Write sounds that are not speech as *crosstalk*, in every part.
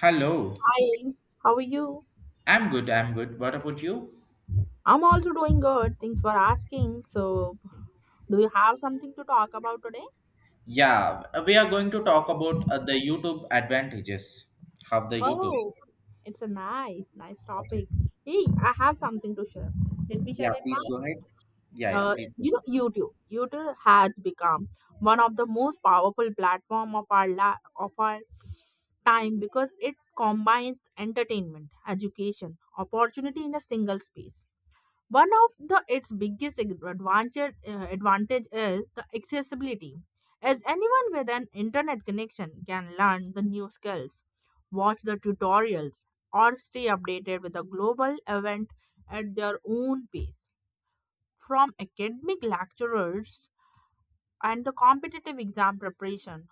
Hello. Hi, how are you? I'm good. I'm good. What about you? I'm also doing good. Thanks for asking. So, do you have something to talk about today? Yeah, we are going to talk about the YouTube advantages of the YouTube. Oh, it's a nice, nice Okay. topic. Hey, I have something to share. Let me share Yeah, it. please Mine. go ahead. Yeah, yeah, please go. YouTube. YouTube has become one of the most powerful platform of our of our time because it combines entertainment, education, opportunity in a single space. One of the its biggest advantage is the accessibility, as anyone with an internet connection can learn the new skills, watch the tutorials, or stay updated with the global event at their own pace. From academic lecturers and the competitive exam preparation.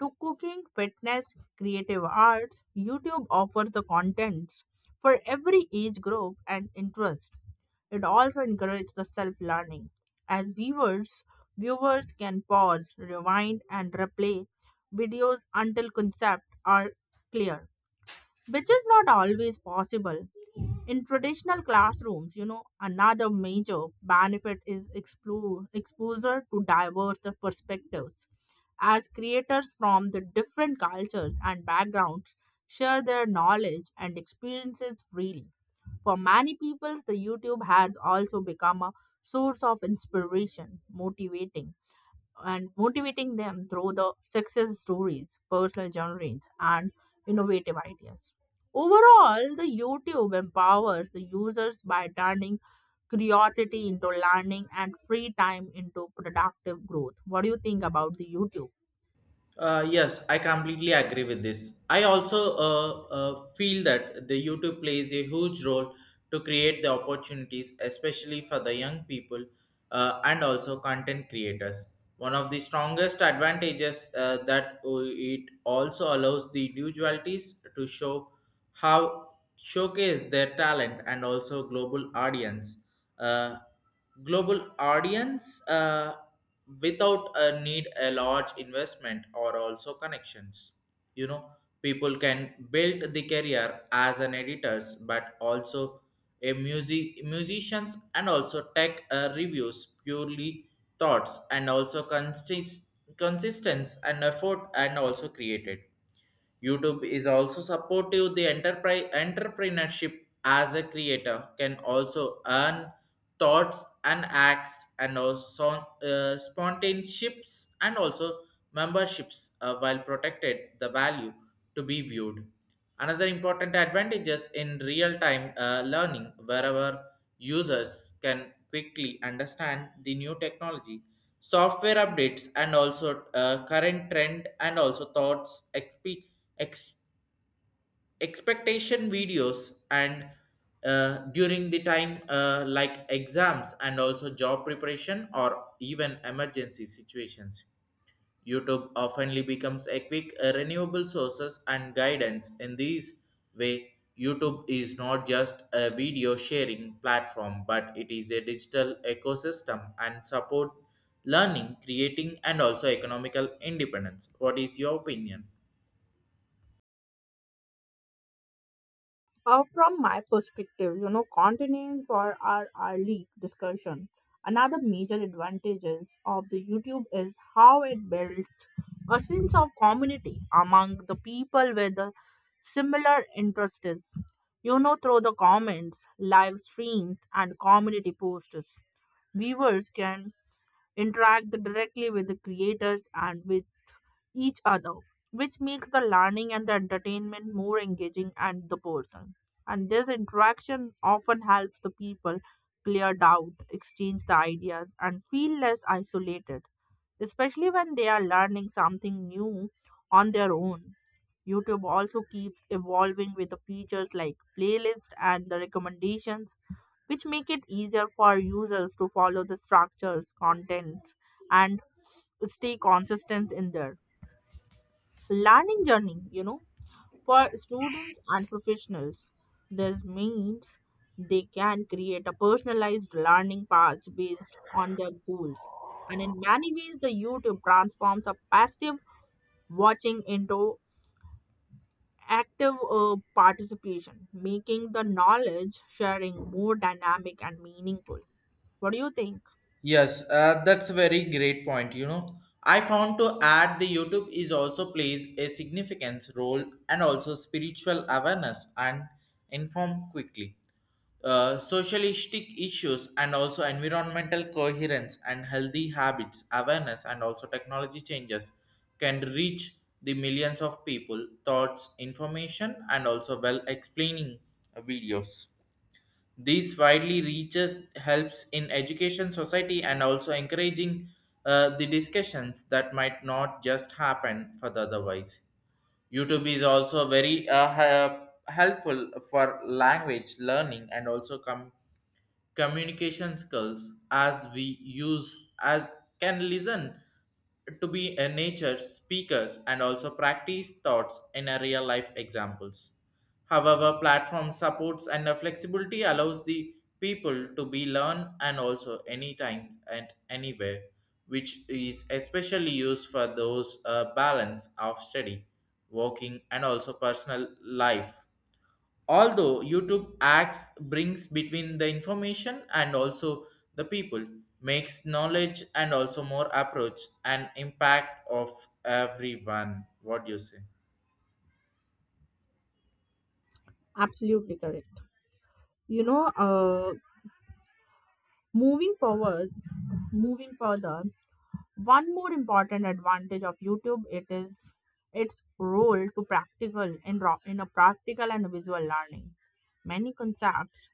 To cooking, fitness, creative arts, YouTube offers the contents for every age group and interest. It also encourages the self learning. As viewers, viewers can pause, rewind, and replay videos until concepts are clear, which is not always possible. In traditional classrooms, another major benefit is exposure to diverse perspectives. As creators from the different cultures and backgrounds share their knowledge and experiences freely. For many people, the YouTube has also become a source of inspiration, motivating them through the success stories, personal journeys, and innovative ideas. Overall, the YouTube empowers the users by turning curiosity into learning and free time into productive growth. What do you think about the YouTube? Yes, I completely agree with this. I also feel that the YouTube plays a huge role to create the opportunities, especially for the young people and also content creators. One of the strongest advantages that it also allows the individualities to show how showcase their talent and also global audience. Uh, global audience. Without a need a large investment or also connections, you know, people can build the career as an editors but also a musicians and also tech reviews purely thoughts and also consistence and effort and also created YouTube is also supportive the enterprise entrepreneurship as a creator can also earn thoughts and acts and also spontaneionships and also memberships while protected the value to be viewed. Another important advantages in real-time learning wherever users can quickly understand the new technology software updates and also current trend and also thoughts ex- expectation videos and during the time like exams and also job preparation or even emergency situations, YouTube oftenly becomes a quick renewable sources and guidance. In this way, YouTube is not just a video sharing platform, but it is a digital ecosystem and support learning, creating, and also economical independence. What is your opinion? From my perspective, you know, continuing for our league discussion, another major advantages of the YouTube is how it builds a sense of community among the people with the similar interests. You know, through the comments, live streams, and community posts, viewers can interact directly with the creators and with each other, which makes the learning and the entertainment more engaging and the person. And this interaction often helps the people clear doubt, exchange the ideas, and feel less isolated, especially when they are learning something new on their own. YouTube also keeps evolving with the features like playlists and the recommendations, which make it easier for users to follow the structures, contents, and stay consistent in there learning journey. You know, for students and professionals, this means they can create a personalized learning path based on their goals. And in many ways, the youtube transforms a passive watching into active participation, making the knowledge sharing more dynamic and meaningful. What do you think? Yes, that's a very great point. You know, I found to add the YouTube is also plays a significant role and also spiritual awareness and inform quickly. Socialistic issues and also environmental coherence and healthy habits awareness and also technology changes can reach the millions of people thoughts information and also well explaining videos. These widely reaches helps in education society and also encouraging the discussions that might not just happen for the otherwise. YouTube is also very helpful for language learning and also communication skills as we use as can listen to be a nature speakers and also practice thoughts in a real life examples. However, platform supports and the flexibility allows the people to be learn and also anytime and anywhere, which is especially used for those balance of study, working and also personal life, although youtube acts brings between the information and also the people, makes knowledge and also more approach and impact of everyone. What do you say? Absolutely correct. You know, moving forward moving further, one more important advantage of youtube it is its role to practical in, ro- in a practical and visual learning. Many concepts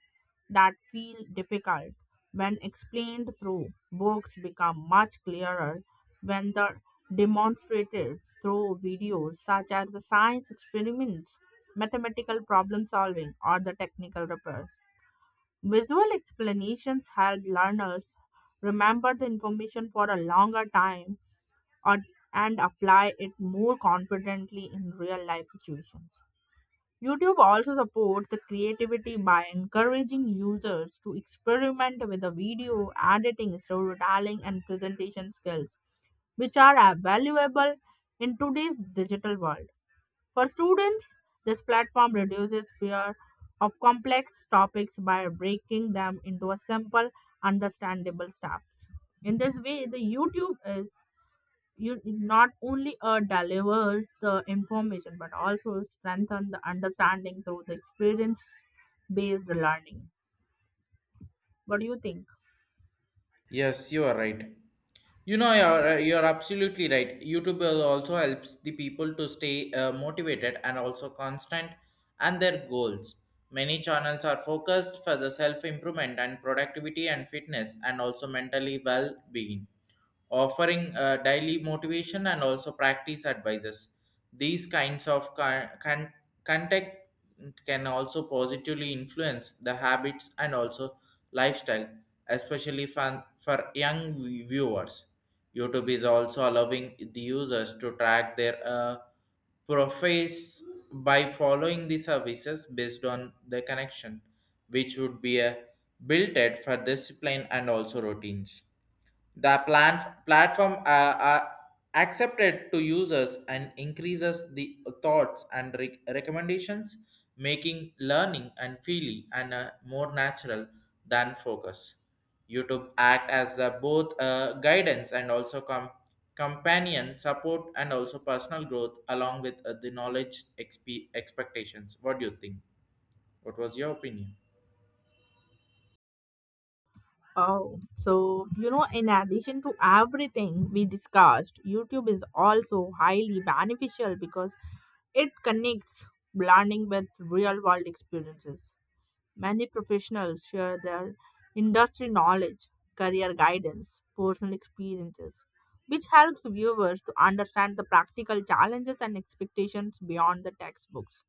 that feel difficult when explained through books become much clearer when they're demonstrated through videos, such as the science experiments, mathematical problem solving, or the technical repairs. Visual explanations help learners remember the information for a longer time, or, and apply it more confidently in real life situations. YouTube also supports the creativity by encouraging users to experiment with the video editing, storytelling, and presentation skills, which are valuable in today's digital world. For students, this platform reduces fear of complex topics by breaking them into a simple, understandable steps. In this way, the YouTube is you not only delivers the information but also strengthen the understanding through the experience based learning. What do you think? Yes, you are right. You know, you're absolutely right. YouTube will also helps the people to stay motivated and also constant and their goals. Many channels are focused for the self improvement and productivity and fitness and also mentally well being, offering daily motivation and also practice advices. These kinds of contact can also positively influence the habits and also lifestyle, especially for young viewers. YouTube is also allowing the users to track their profits by following the services based on the connection, which would be a built for discipline and also routines. The platform are accepted to users and increases the thoughts and recommendations, making learning and feeling and more natural than focus. YouTube act as both guidance and also companion support and also personal growth along with the knowledge expectations. What do you think? What was your opinion? Oh, so you know, in addition to everything we discussed, YouTube is also highly beneficial because it connects learning with real world experiences. Many professionals share their industry knowledge, career guidance, personal experiences, which helps viewers to understand the practical challenges and expectations beyond the textbooks.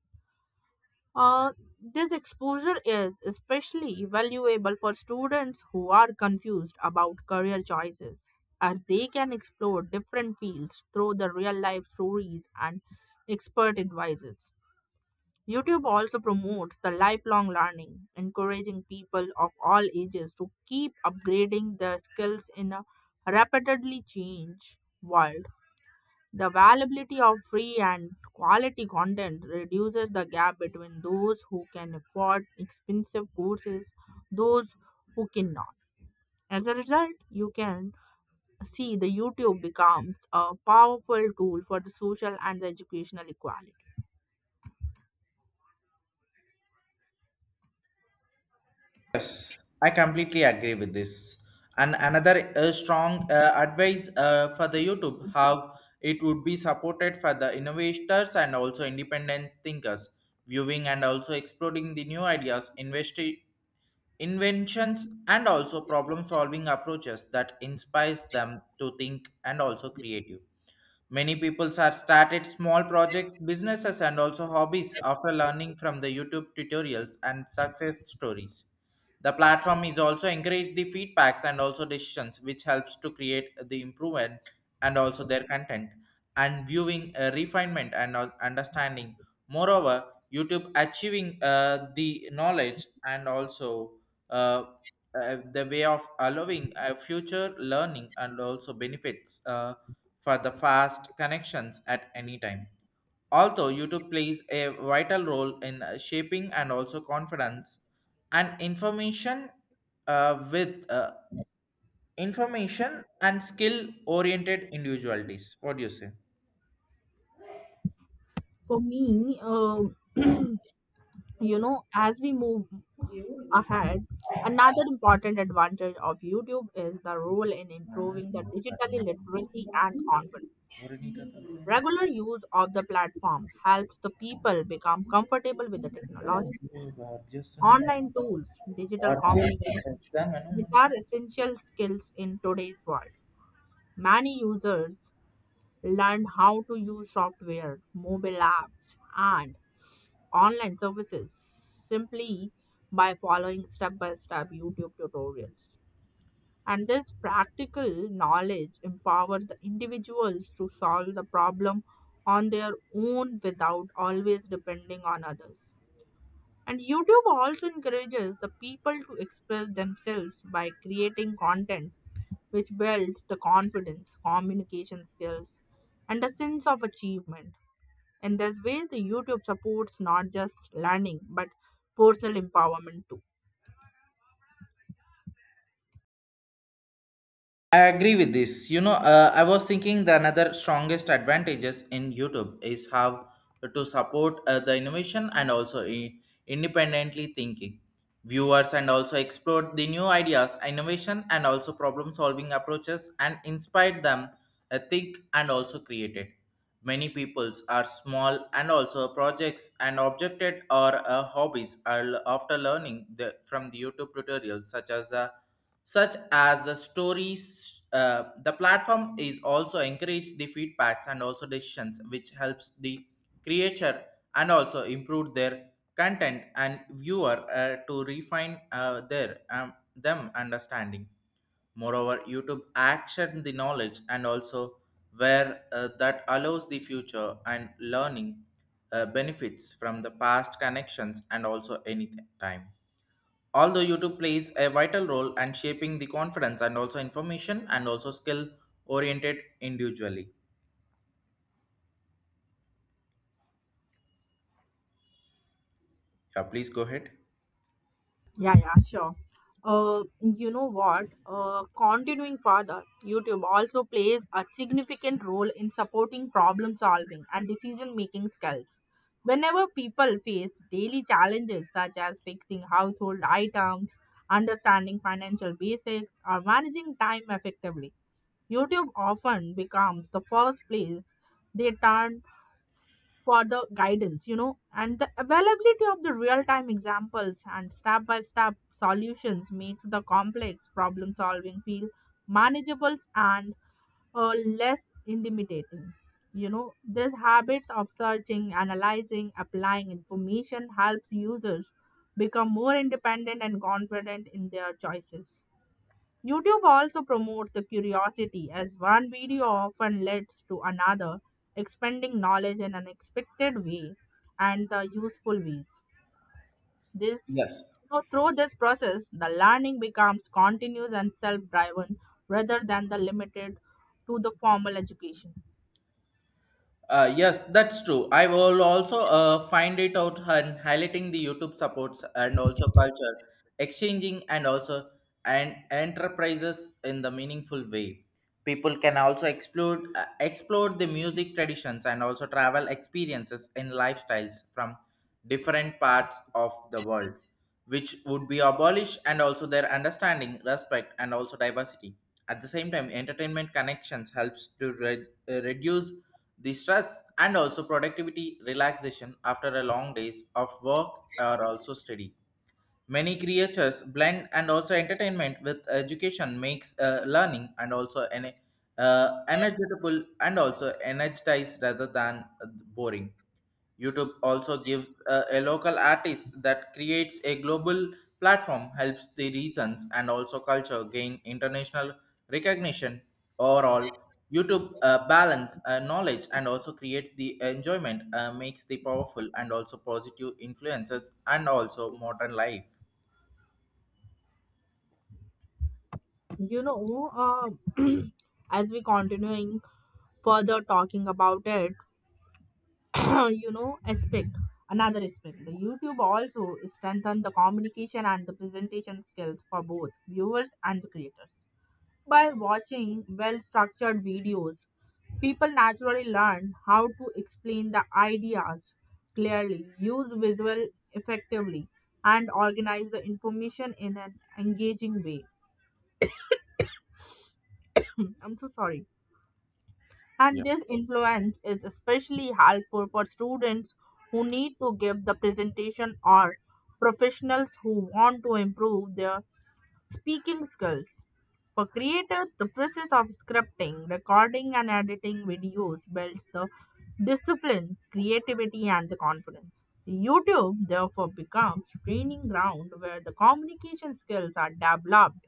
Uh, this exposure is especially valuable for students who are confused about career choices, as they can explore different fields through the real life stories and expert advices. YouTube also promotes the lifelong learning, encouraging people of all ages to keep upgrading their skills in a rapidly changed world. The availability of free and quality content reduces the gap between those who can afford expensive courses, those who cannot. As a result, you can see the YouTube becomes a powerful tool for the social and the educational equality. Yes, I completely agree with this. And another strong advice for the YouTube how it would be supported for the innovators and also independent thinkers, viewing and also exploring the new ideas, inventions, and also problem solving approaches that inspires them to think and also creative. Many people have started small projects, businesses, and also hobbies after learning from the YouTube tutorials and success stories. The platform is also encourage the feedbacks and also decisions, which helps to create the improvement and also their content and viewing refinement and understanding. Moreover, YouTube achieving the knowledge and also uh, the way of allowing future learning and also benefits. For the fast connections at any time. Although YouTube plays a vital role in shaping and also confidence and information with information and skill oriented individualities. What do you say? For me, *clears throat* you know, as we move ahead, another important advantage of youtube is the role in improving the digital literacy and confidence. Regular use of the platform helps the people become comfortable with the technology, online tools, digital communication. These are essential skills in today's world. Many users learn how to use software, mobile apps, and online services simply by following step by step YouTube tutorials. And this practical knowledge empowers the individuals to solve the problem on their own without always depending on others. And YouTube also encourages the people to express themselves by creating content, which builds the confidence, communication skills, and a sense of achievement. In this way, the YouTube supports not just learning but personal empowerment too. I agree with this. You know, I was thinking the another strongest advantages in YouTube is how to support the innovation and also independently thinking viewers and also explore the new ideas, innovation and also problem solving approaches and inspire them think and also create it. Many peoples are small and also projects and objected or hobbies are after learning from the YouTube tutorials, such as the stories. Uh, the platform is also encourage the feedbacks and also decisions, which helps the creator and also improve their content and viewer to refine their them understanding. Moreover, YouTube action the knowledge and also where that allows the future and learning benefits from the past connections and also any time. Although YouTube plays a vital role in shaping the confidence and also information and also skill oriented individually. Yeah, please go ahead. Yeah, sure. You know what? Continuing further, YouTube also plays a significant role in supporting problem solving and decision making skills. Whenever people face daily challenges such as fixing household items, understanding financial basics, or managing time effectively, YouTube often becomes the first place they turn for the guidance. You know, and the availability of the real time examples and step by step solutions makes the complex problem solving feel manageable and uh, less intimidating. You know, these habits of searching, analyzing, applying information helps users become more independent and confident in their choices. YouTube also promotes the curiosity as one video often leads to another, expanding knowledge in an expected way and the useful ways. This Yes. You know, through this process, the learning becomes continuous and self-driven rather than the limited to the formal education. Yes, that's true. I will also find it out and highlighting the YouTube supports and also culture, exchanging and also and enterprises in the meaningful way. People can also explore the music traditions and also travel experiences in lifestyles from different parts of the world, which would be abolished and also their understanding, respect, and also diversity. At the same time, entertainment connections helps to reduce the stress and also productivity relaxation after a long days of work are also steady. Many creatures blend and also entertainment with education makes learning and also an energetable and also energized rather than boring. YouTube also gives a local artist that creates a global platform, helps the regions and also culture gain international recognition. Overall, YouTube balance knowledge and also create the enjoyment, makes the powerful and also positive influences and also modern life. You know, uh, *clears throat* as we continuing further talking about it, *clears throat* you know aspect another aspect, the youtube also strengthen the communication and the presentation skills for both viewers and the creators. By watching well structured videos, people naturally learn how to explain the ideas clearly, use visual effectively, and organize the information in an engaging way. I'm so sorry. And this influence is especially helpful for students who need to give the presentation or professionals who want to improve their speaking skills. For creators, the process of scripting, recording, and editing videos builds the discipline, creativity, and the confidence. YouTube therefore becomes training ground where the communication skills are developed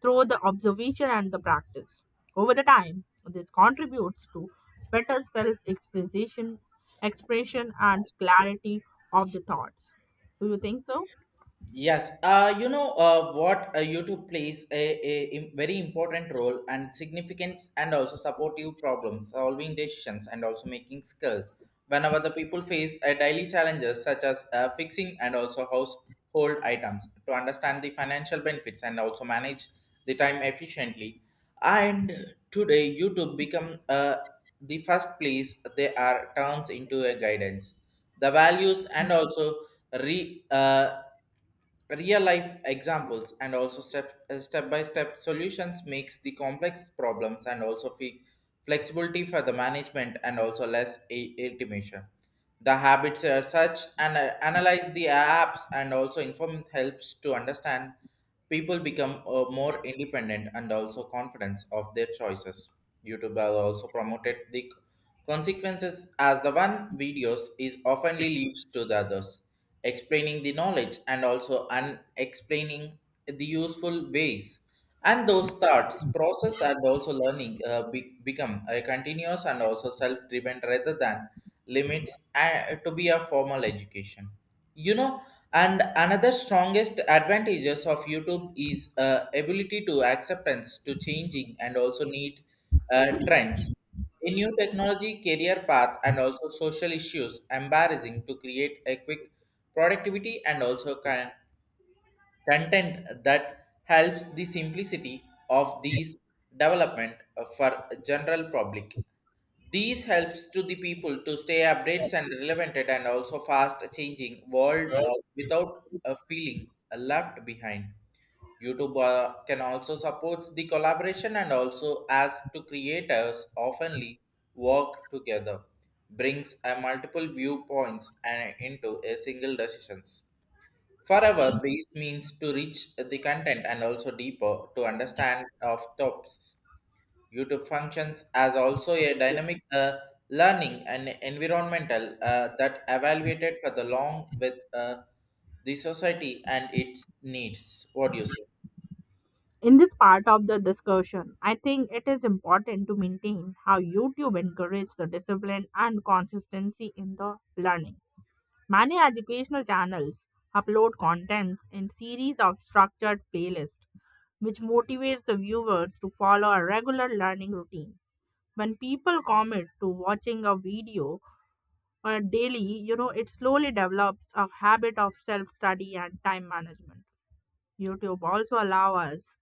through the observation and the practice. Over the time, this contributes to better expression, and clarity of the thoughts. Do you think so? Yes, you know what, YouTube plays a very important role and significance and also supportive problems, solving decisions and also making skills. Whenever the people face daily challenges such as fixing and also household items to understand the financial benefits and also manage the time efficiently. And today YouTube become the first place they are turns into a guidance. The values and also re, uh, real life examples and also step by step solutions makes the complex problems and also flexibility for the management and also less automation. The habits are such and analyze the apps and also inform helps to understand people become more independent and also confidence of their choices. YouTube has also promoted the consequences as the one videos is oftenly leaves to the others, explaining the knowledge and also unexplaining the useful ways. And those thoughts, process and also learning become a continuous and also self-driven rather than limits to be a formal education, you know. And another strongest advantages of youtube is ability to acceptance to changing and also need trends, a new technology career path and also social issues embarrassing to create a quick productivity and also content that helps the simplicity of these development for general public. These helps to the people to stay updates and relevant and also fast changing world without a feeling left behind. YouTube can also support the collaboration and also ask to creators oftenly work together, brings a multiple viewpoints and into a single decisions. Forever, this means to reach the content and also deeper to understand of topics. YouTube functions as also a dynamic learning and environmental that evaluated for the long with the society and its needs. What do you say? In this part of the discussion, I think it is important to maintain how YouTube encourages the discipline and consistency in the learning. Many educational channels upload contents in series of structured playlists, which motivates the viewers to follow a regular learning routine. When people commit to watching a video daily, you know, it slowly develops a habit of self study and time management. YouTube also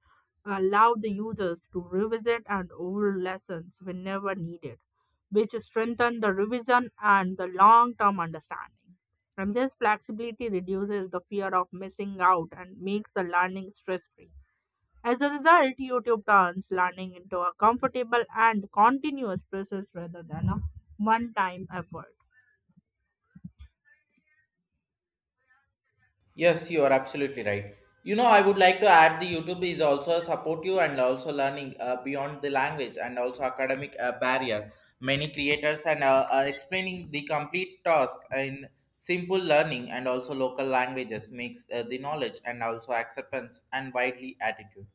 allow the users to revisit and old lessons whenever needed, which strengthen the revision and the long-term understanding. And this flexibility reduces the fear of missing out and makes the learning stress-free. As a result, YouTube turns learning into a comfortable and continuous process rather than a one-time effort. Yes, you are absolutely right. You know, I would like to add the YouTube is also support you and also learning beyond the language and also academic barrier. Many creators and are explaining the complete task in simple learning and also local languages makes the knowledge and also acceptance and widely attitude.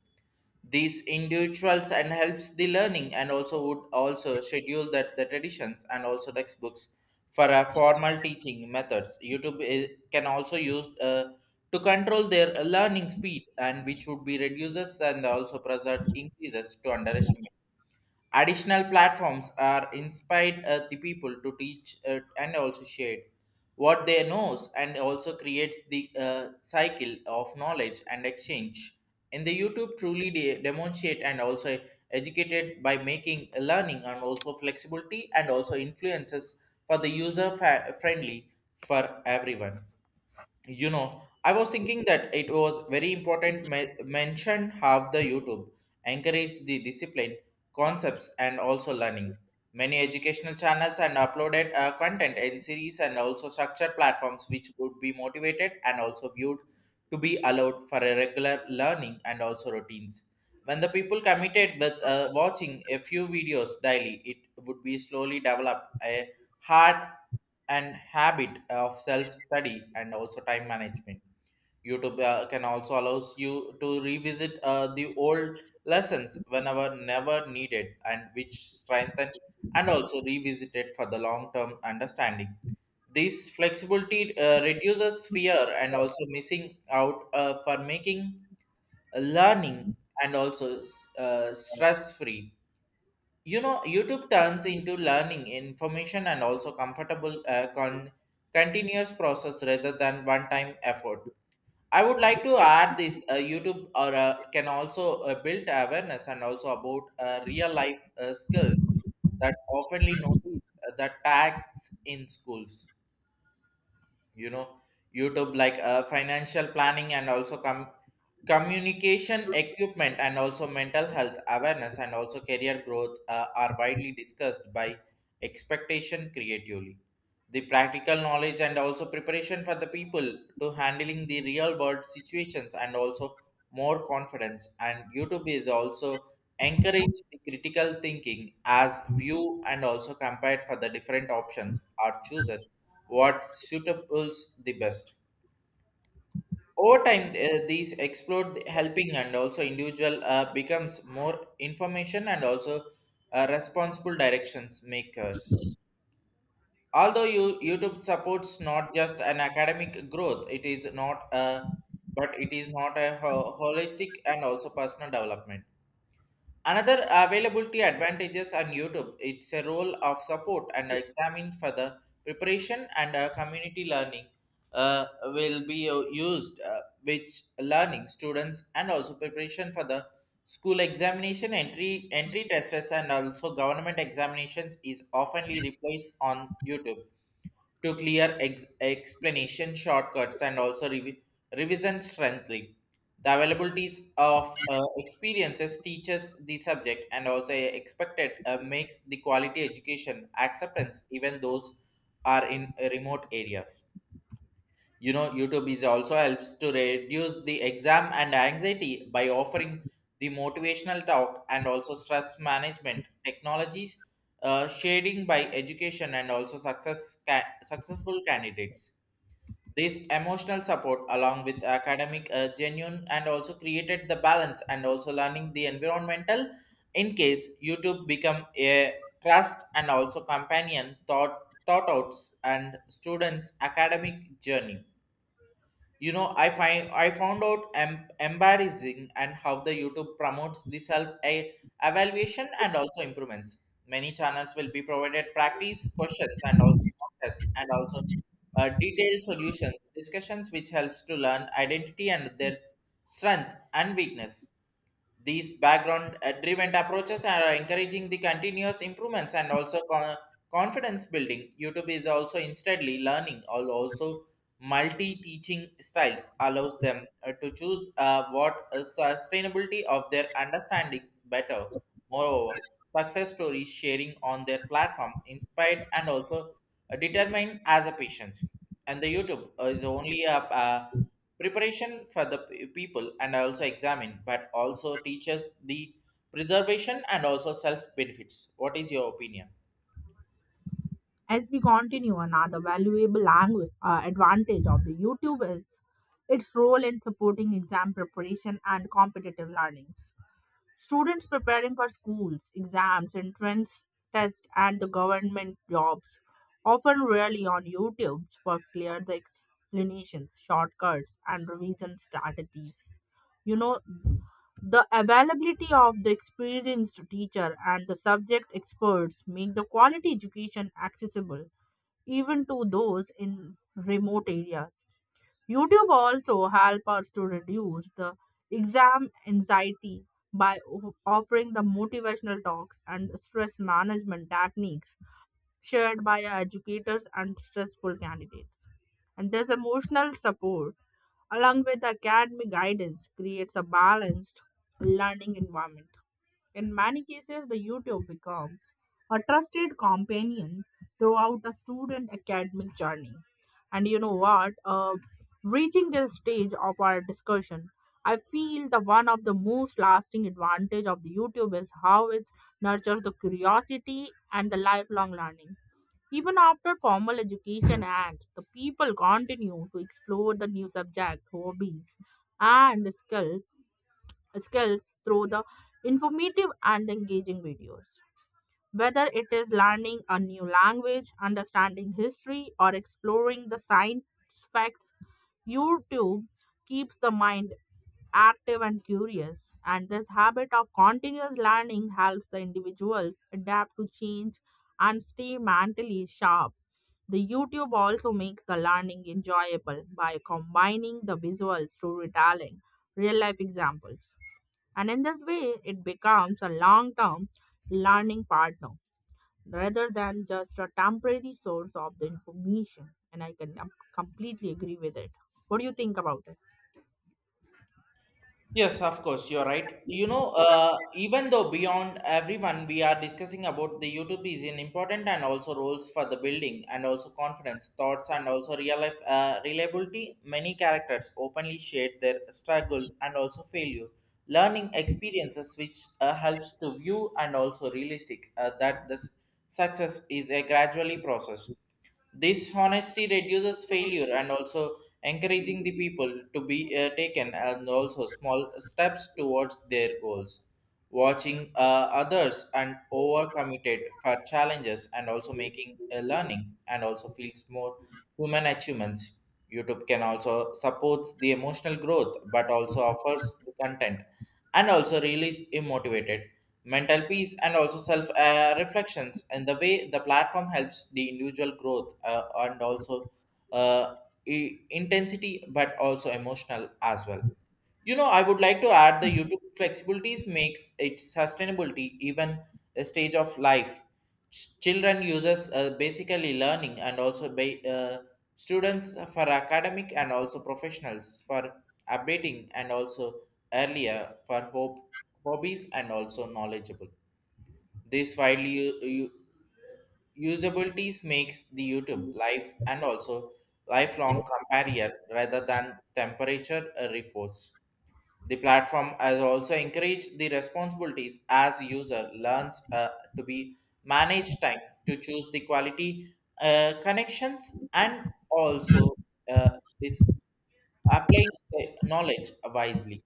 These individuals and helps the learning and also would also schedule that the traditions and also textbooks for a formal teaching methods youtube can also use to control their learning speed and which would be reduces and also preserve increases to underestimate. Additional platforms are inspired the people to teach and also share what they knows and also creates the cycle of knowledge and exchange. In the YouTube, truly demonstrate and also educated by making learning and also flexibility and also influences for the user friendly for everyone. You know, I was thinking that it was very important mention how the YouTube encourage the discipline concepts and also learning. Many educational channels and uploaded content in series and also structured platforms which would be motivated and also viewed to be allowed for a regular learning and also routines. When the people committed with watching a few videos daily, it would be slowly develop a had an habit of self-study and also time management. YouTube can also allows you to revisit the old lessons whenever never needed and which strengthen and also revisited for the long-term understanding. This flexibility reduces fear and also missing out, for making learning and also stress-free. You know, YouTube turns into learning information and also comfortable, continuous process rather than one time effort. I would like to add this, YouTube or can also build awareness and also about real life skills that oftenly notice the tags in schools, you know. YouTube like financial planning and also communication equipment and also mental health awareness and also career growth are widely discussed by expectation creatively the practical knowledge and also preparation for the people to handling the real world situations and also more confidence. And YouTube is also encourage the critical thinking as view and also compared for the different options are chosen what suitables the best. Over time, these explode helping and also individual becomes more information and also responsible directions makers. Although you, YouTube supports not just an academic growth, it is not a holistic and also personal development. Another availability advantages on YouTube, it's a role of support and examine for the preparation and community learning uh, will be used, which learning students and also preparation for the school examination entry testers and also government examinations is oftenly replaced on YouTube to clear explanation shortcuts and also revision strengthening. The availabilities of experiences teaches the subject and also expected makes the quality education acceptance even those are in remote areas. You know, YouTube is also helps to reduce the exam and anxiety by offering the motivational talk and also stress management technologies, shading by education and also successful candidates. This emotional support, along with academic, genuine, and also created the balance and also learning the environmental. In case YouTube become a trust and also companion thought outs and students academic journey. You know, I found out embarrassing and how the YouTube promotes the evaluation and also improvements. Many channels will be provided practice questions and also contests and also detailed solutions discussions which helps to learn identity and their strength and weakness. These background driven approaches are encouraging the continuous improvements and also confidence building. YouTube is also instantly learning, also multi teaching styles allows them to choose what sustainability of their understanding better. Moreover, success stories sharing on their platform inspired and also determined as a patient. And the YouTube is only a, preparation for the people and also examine, but also teaches the preservation and also self benefits. What is your opinion? As we continue, another valuable language advantage of the YouTube is its role in supporting exam preparation and competitive learnings. Students preparing for schools, exams, entrance tests, and the government jobs often rely on YouTube for clear the explanations, shortcuts, and revision strategies. You know, the availability of the experienced teacher and the subject experts make the quality education accessible even to those in remote areas. YouTube also help us to reduce the exam anxiety by offering the motivational talks and stress management techniques shared by our educators and stressful candidates. And this emotional support, along with academic guidance, creates a balanced learning environment. In many cases, the YouTube becomes a trusted companion throughout a student academic journey. And you know what? Reaching this stage of our discussion, I feel the one of the most lasting advantage of the YouTube is how it nurtures the curiosity and the lifelong learning. Even after formal education ends, the people continue to explore the new subjects, hobbies, and skills through the informative and engaging videos. Whether it is learning a new language, understanding history, or exploring the science facts, YouTube keeps the mind active and curious. And this habit of continuous learning helps the individuals adapt to change and stay mentally sharp. The YouTube also makes the learning enjoyable by combining the visual storytelling, real life examples, and in this way, it becomes a long term learning partner rather than just a temporary source of the information. And I can completely agree with it. What do you think about it? Yes, of course, you're right. You know, even though beyond everyone, we are discussing about the YouTube is an important and also roles for the building and also confidence, thoughts, and also real life reliability. Many characters openly shared their struggle and also failure, learning experiences, which helps to view and also realistic that this success is a gradually process. This honesty reduces failure and also encouraging the people to be taken and also small steps towards their goals. Watching, others and overcommitted for challenges and also making a learning and also feels more human achievements. YouTube can also supports the emotional growth but also offers the content and also really motivated mental peace and also self, reflections and the way the platform helps the individual growth, uh, intensity but also emotional as well. You know, I would like to add the YouTube flexibilities makes its sustainability even a stage of life. Children users basically learning and also students for academic and also professionals for updating and also earlier for hope hobbies and also knowledgeable. This widely usabilities makes the YouTube life and also lifelong companion rather than temperature, reforce. The platform has also encouraged the responsibilities as user learns to be manage time, to choose the quality connections and also is applying the knowledge wisely.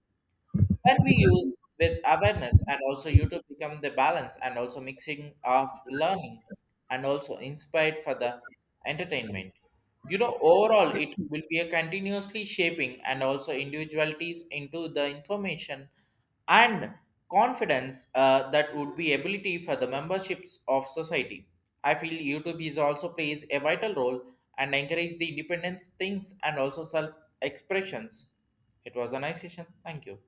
When we use with awareness and also you to become the balance and also mixing of learning and also inspired for the entertainment, you know, overall, it will be a continuously shaping and also individualities into the information and confidence that would be ability for the memberships of society. I feel YouTube is also plays a vital role and encourage the independence things and also self expressions. It was a nice session, thank you.